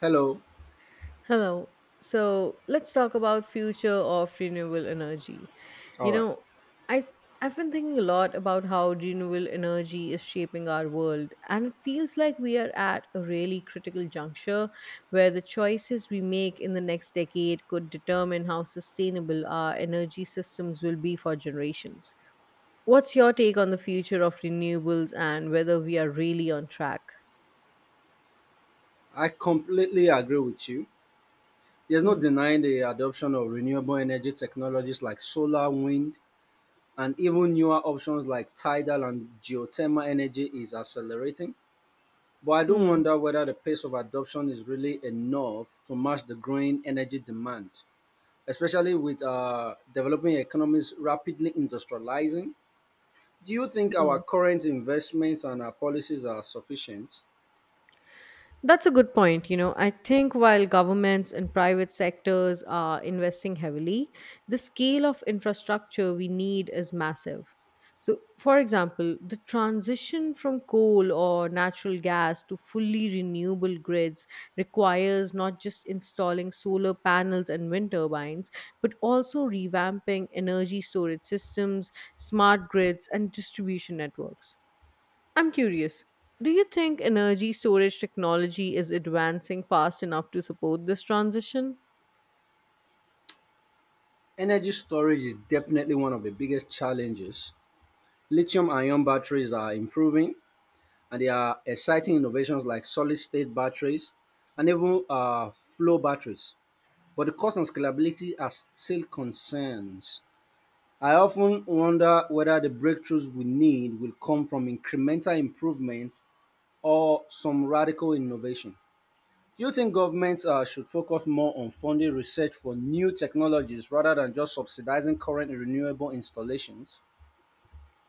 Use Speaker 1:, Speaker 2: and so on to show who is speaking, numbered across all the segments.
Speaker 1: Hello.
Speaker 2: Hello. So let's talk about future of renewable energy.
Speaker 1: All
Speaker 2: You
Speaker 1: right.
Speaker 2: know, I I've been thinking a lot about how renewable energy is shaping our world, and it feels like we are at a really critical juncture where the choices we make in the next decade could determine how sustainable our energy systems will be for generations. What's your take on the future of renewables and whether we are really on track?
Speaker 1: I completely agree with you. There's no
Speaker 2: Hmm.
Speaker 1: denying the adoption of renewable energy technologies like solar, wind, and even newer options like tidal and geothermal energy is accelerating. But I do
Speaker 2: Hmm.
Speaker 1: wonder whether the pace of adoption is really enough to match the growing energy demand, especially with developing economies rapidly industrializing. Do you think our
Speaker 2: Hmm.
Speaker 1: current investments and our policies are sufficient?
Speaker 2: That's a good point. You know, I think while governments and private sectors are investing heavily, the scale of infrastructure we need is massive. So, for example, the transition from coal or natural gas to fully renewable grids requires not just installing solar panels and wind turbines, but also revamping energy storage systems, smart grids, and distribution networks. I'm curious. Do you think energy storage technology is advancing fast enough to support this transition?
Speaker 1: Energy storage is definitely one of the biggest challenges. Lithium ion batteries are improving, and there are exciting innovations like solid state batteries and even flow batteries. But the cost and scalability are still concerns. I often wonder whether the breakthroughs we need will come from incremental improvements or some radical innovation. Do you think governments should focus more on funding research for new technologies rather than just subsidizing current renewable installations?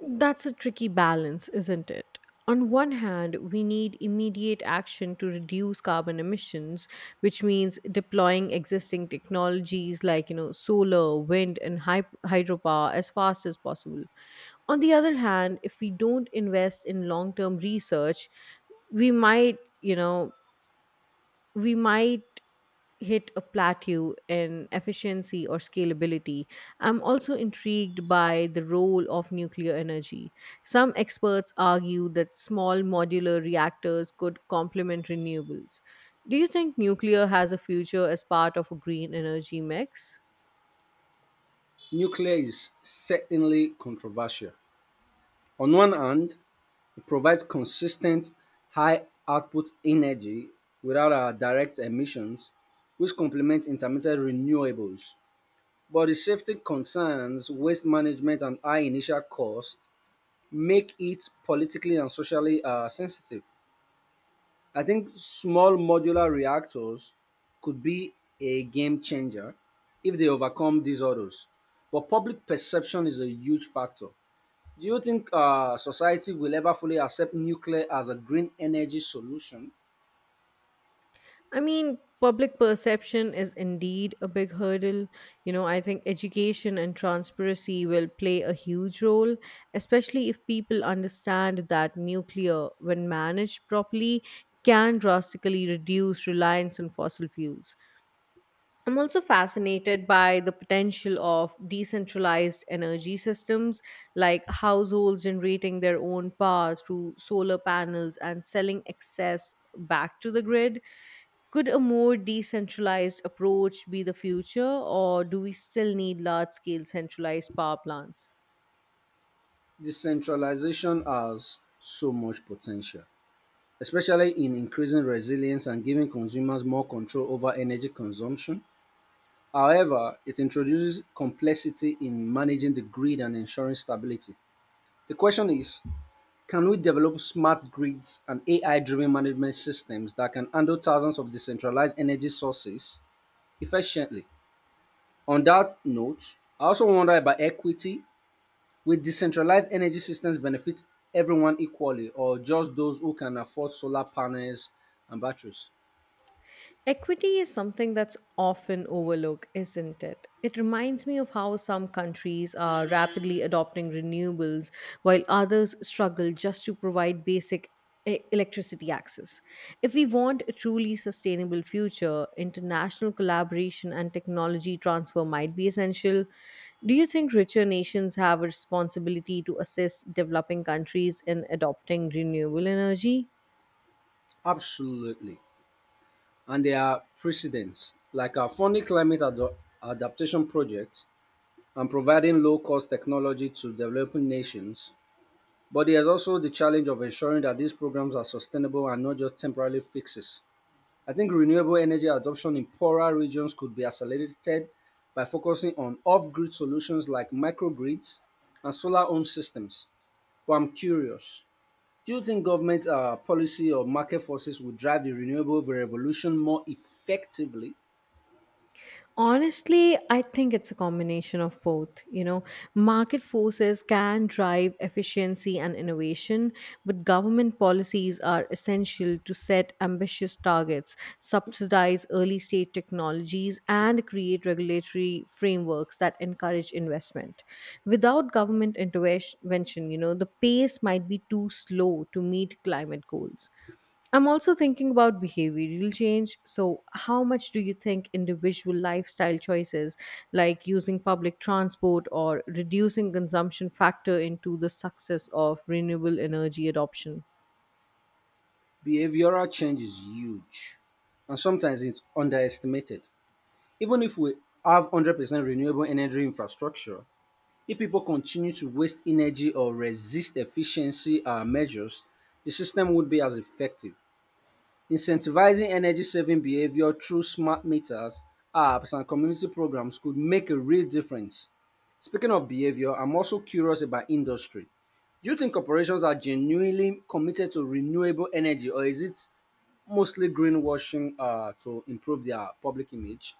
Speaker 2: That's a tricky balance, isn't it? On one hand, we need immediate action to reduce carbon emissions, which means deploying existing technologies like, you know, solar, wind, and hydropower as fast as possible. On the other hand, if we don't invest in long-term research, we might, we might hit a plateau in efficiency or scalability. I'm also intrigued by the role of nuclear energy. Some experts argue that small modular reactors could complement renewables. Do you think nuclear has a future as part of a green energy mix?
Speaker 1: Nuclear is certainly controversial. On one hand, it provides consistent, high output energy without direct emissions, which complement intermittent renewables. But the safety concerns, waste management, and high initial cost make it politically and socially sensitive. I think small modular reactors could be a game changer if they overcome these hurdles. But public perception is a huge factor. Do you think society will ever fully accept nuclear as a green energy solution?
Speaker 2: I mean, public perception is indeed a big hurdle. You know, I think education and transparency will play a huge role, especially if people understand that nuclear, when managed properly, can drastically reduce reliance on fossil fuels. I'm also fascinated by the potential of decentralized energy systems, like households generating their own power through solar panels and selling excess back to the grid. Could a more decentralized approach be the future, or do we still need large scale centralized power plants?
Speaker 1: Decentralization has so much potential, especially in increasing resilience and giving consumers more control over energy consumption. However, it introduces complexity in managing the grid and ensuring stability. The question is, can we develop smart grids and AI driven management systems that can handle thousands of decentralized energy sources efficiently? On that note, I also wonder about equity. Will decentralized energy systems benefit everyone equally or just those who can afford solar panels and batteries?
Speaker 2: Equity is something that's often overlooked, isn't it? It reminds me of how some countries are rapidly adopting renewables while others struggle just to provide basic electricity access. If we want a truly sustainable future, international collaboration and technology transfer might be essential. Do you think richer nations have a responsibility to assist developing countries in adopting renewable energy?
Speaker 1: Absolutely. And there are precedents, like our funding adaptation projects and providing low cost technology to developing nations. But there's also the challenge of ensuring that these programs are sustainable and not just temporary fixes. I think renewable energy adoption in poorer regions could be accelerated by focusing on off grid solutions like microgrids and solar home systems. But I'm curious, do you think government policy or market forces would drive the renewable revolution more effectively?
Speaker 2: Honestly, I think it's a combination of both. You know, market forces can drive efficiency and innovation, but government policies are essential to set ambitious targets, subsidize early stage technologies, and create regulatory frameworks that encourage investment. Without government intervention, you know, the pace might be too slow to meet climate goals. I'm also thinking about behavioral change. So, how much do you think individual lifestyle choices like using public transport or reducing consumption factor into the success of renewable energy adoption?
Speaker 1: Behavioral change is huge, and sometimes it's underestimated. Even if we have 100% renewable energy infrastructure, if people continue to waste energy or resist efficiency measures, the system would be as effective. Incentivizing energy saving behavior through smart meters, apps, and community programs could make a real difference. Speaking of behavior, I'm also curious about industry. Do you think corporations are genuinely committed to renewable energy, or is it mostly greenwashing to improve their public image?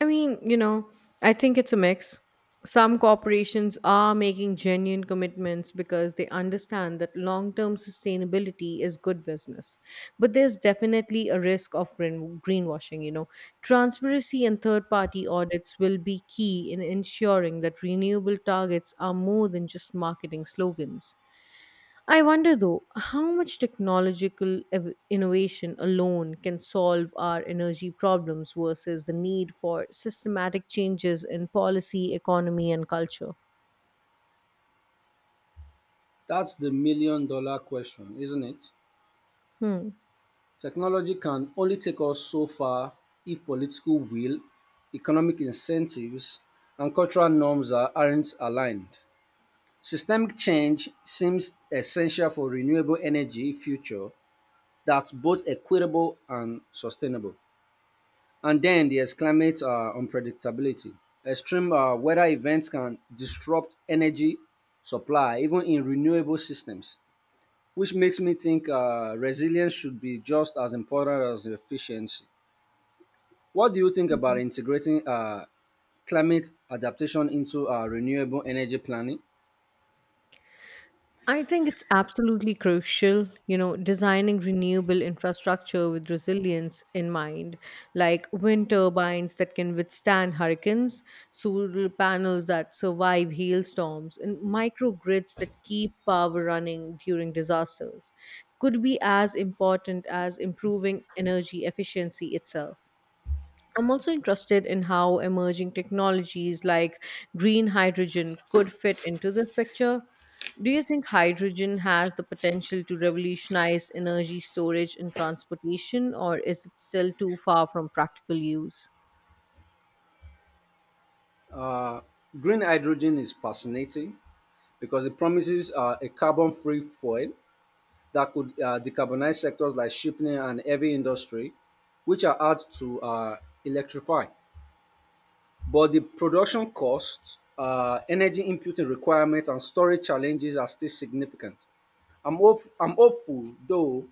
Speaker 2: I mean, you know, I think it's a mix. Some corporations are making genuine commitments because they understand that long term sustainability is good business. But there's definitely a risk of greenwashing, you know. Transparency and third party audits will be key in ensuring that renewable targets are more than just marketing slogans. I wonder though, how much technological innovation alone can solve our energy problems versus the need for systematic changes in policy, economy, and culture?
Speaker 1: That's the $1 million question, isn't it?
Speaker 2: Hmm.
Speaker 1: Technology can only take us so far if political will, economic incentives, and cultural norms aren't aligned. Systemic change seems essential for renewable energy future that's both equitable and sustainable. And then there's climate unpredictability. Extreme weather events can disrupt energy supply, even in renewable systems, which makes me think resilience should be just as important as efficiency. What do you think about integrating climate adaptation into renewable energy planning?
Speaker 2: I think it's absolutely crucial, you know, designing renewable infrastructure with resilience in mind, like wind turbines that can withstand hurricanes, solar panels that survive hailstorms, and microgrids that keep power running during disasters could be as important as improving energy efficiency itself. I'm also interested in how emerging technologies like green hydrogen could fit into this picture. Do you think hydrogen has the potential to revolutionize energy storage and transportation, or is it still too far from practical use?
Speaker 1: Uh, Green hydrogen is fascinating because it promises a carbon free fuel that could decarbonize sectors like shipping and heavy industry, which are hard to electrify. But the production costs, energy inputing requirements, and storage challenges are still significant. I'm hopeful, though,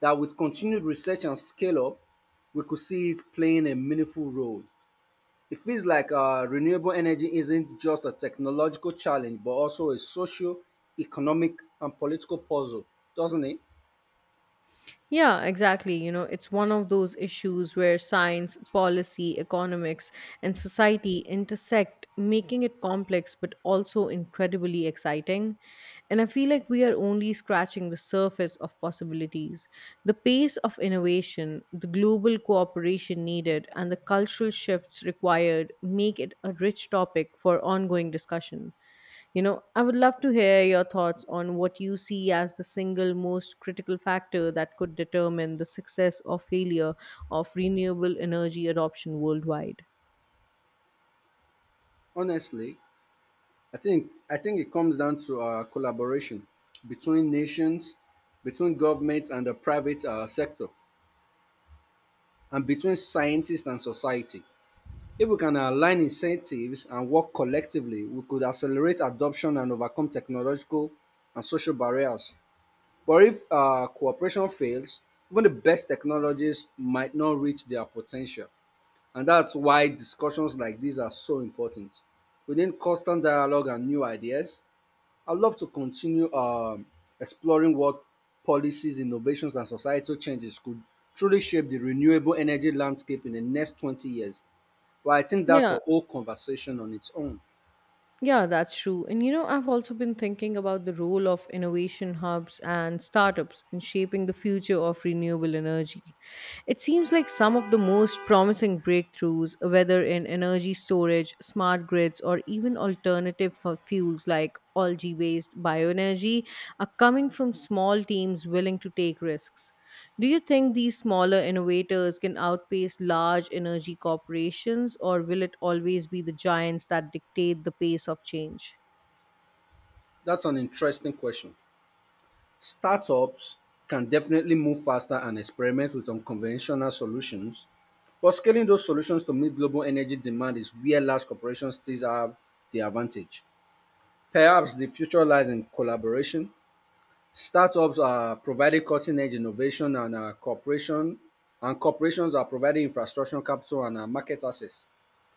Speaker 1: that with continued research and scale up, we could see it playing a meaningful role. It feels like renewable energy isn't just a technological challenge, but also a socio economic and political puzzle, doesn't it?
Speaker 2: Yeah, exactly. You know, it's one of those issues where science, policy, economics, and society intersect, making it complex but also incredibly exciting. And I feel like we are only scratching the surface of possibilities. The pace of innovation, the global cooperation needed, and the cultural shifts required make it a rich topic for ongoing discussion. You know, I would love to hear your thoughts on what you see as the single most critical factor that could determine the success or failure of renewable energy adoption worldwide.
Speaker 1: Honestly, I think it comes down to collaboration between nations, between governments and the private sector, and between scientists and society. If we can align incentives and work collectively, we could accelerate adoption and overcome technological and social barriers. But if cooperation fails, even the best technologies might not reach their potential. And that's why discussions like these are so important. Within constant dialogue and new ideas, I'd love to continue exploring what policies, innovations, and societal changes could truly shape the renewable energy landscape in the next 20 years. Well, I think that's
Speaker 2: Yeah,
Speaker 1: a whole conversation on its own.
Speaker 2: Yeah, that's true. And you know, I've also been thinking about the role of innovation hubs and startups in shaping the future of renewable energy. It seems like some of the most promising breakthroughs, whether in energy storage, smart grids, or even alternative fuels like algae based bioenergy, are coming from small teams willing to take risks. Do you think these smaller innovators can outpace large energy corporations, or will it always be the giants that dictate the pace of change?
Speaker 1: That's an interesting question. Startups can definitely move faster and experiment with unconventional solutions, but scaling those solutions to meet global energy demand is where large corporations still have the advantage. Perhaps the future lies in collaboration. Startups are providing cutting-edge innovation and corporations are providing infrastructure capital and market access.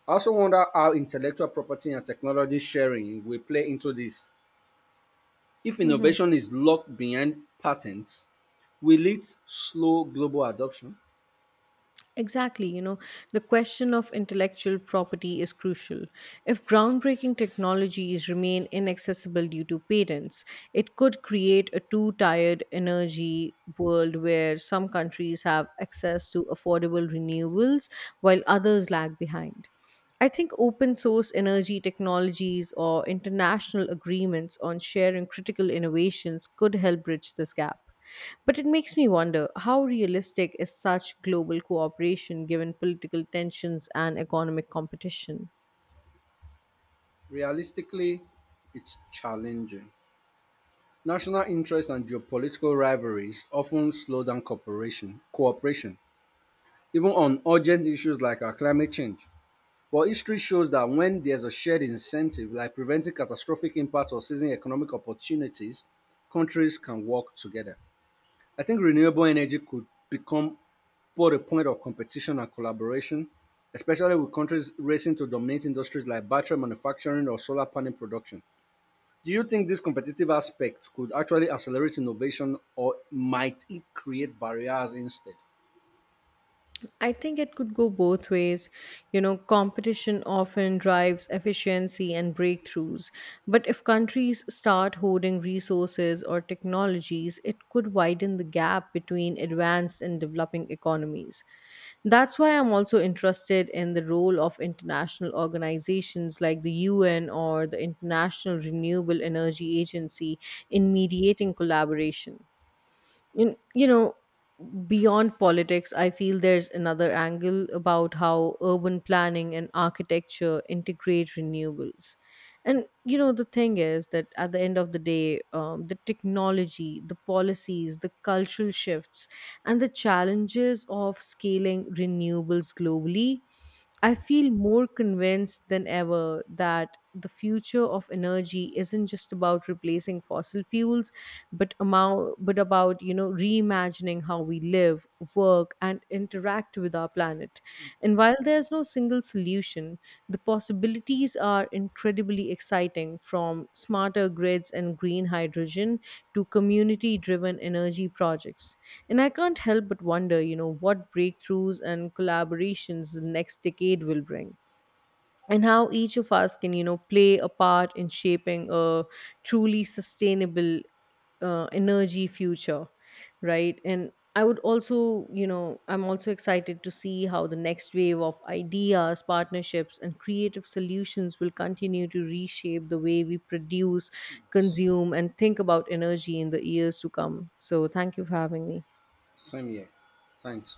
Speaker 1: I also wonder how intellectual property and technology sharing will play into this. If
Speaker 2: Mhm.
Speaker 1: innovation is locked behind patents, will it slow global adoption?
Speaker 2: Exactly. You know, the question of intellectual property is crucial. If groundbreaking technologies remain inaccessible due to patents, it could create a two tired energy world where some countries have access to affordable renewables while others lag behind. I think open source energy technologies or international agreements on sharing critical innovations could help bridge this gap. But it makes me wonder how realistic is such global cooperation given political tensions and economic competition?
Speaker 1: Realistically, it's challenging. National interests and geopolitical rivalries often slow down cooperation, even on urgent issues like our climate change. But history shows that when there's a shared incentive, like preventing catastrophic impacts or seizing economic opportunities, countries can work together. I think renewable energy could become both a point of competition and collaboration, especially with countries racing to dominate industries like battery manufacturing or solar panel production. Do you think this competitive aspect could actually accelerate innovation or might it create barriers instead?
Speaker 2: I think it could go both ways. You know, competition often drives efficiency and breakthroughs. But if countries start hoarding resources or technologies, it could widen the gap between advanced and developing economies. That's why I'm also interested in the role of international organizations like the UN or the International Renewable Energy Agency in mediating collaboration. You know, beyond politics, I feel there's another angle about how urban planning and architecture integrate renewables. And you know, the thing is that at the end of the day, the technology, the policies, the cultural shifts, and the challenges of scaling renewables globally, I feel more convinced than ever that the future of energy isn't just about replacing fossil fuels, but about, you know, reimagining how we live, work, and interact with our planet. And while there's no single solution, the possibilities are incredibly exciting, from smarter grids and green hydrogen to community-driven energy projects. And I can't help but wonder, you know, what breakthroughs and collaborations the next decade will bring and how each of us can, you know, play a part in shaping a truly sustainable energy future, right? And I would also, you know, I'm also excited to see how the next wave of ideas, partnerships, and creative solutions will continue to reshape the way we produce, consume, and think about energy in the years to come. So, thank you for having me.
Speaker 1: Same here. Thanks.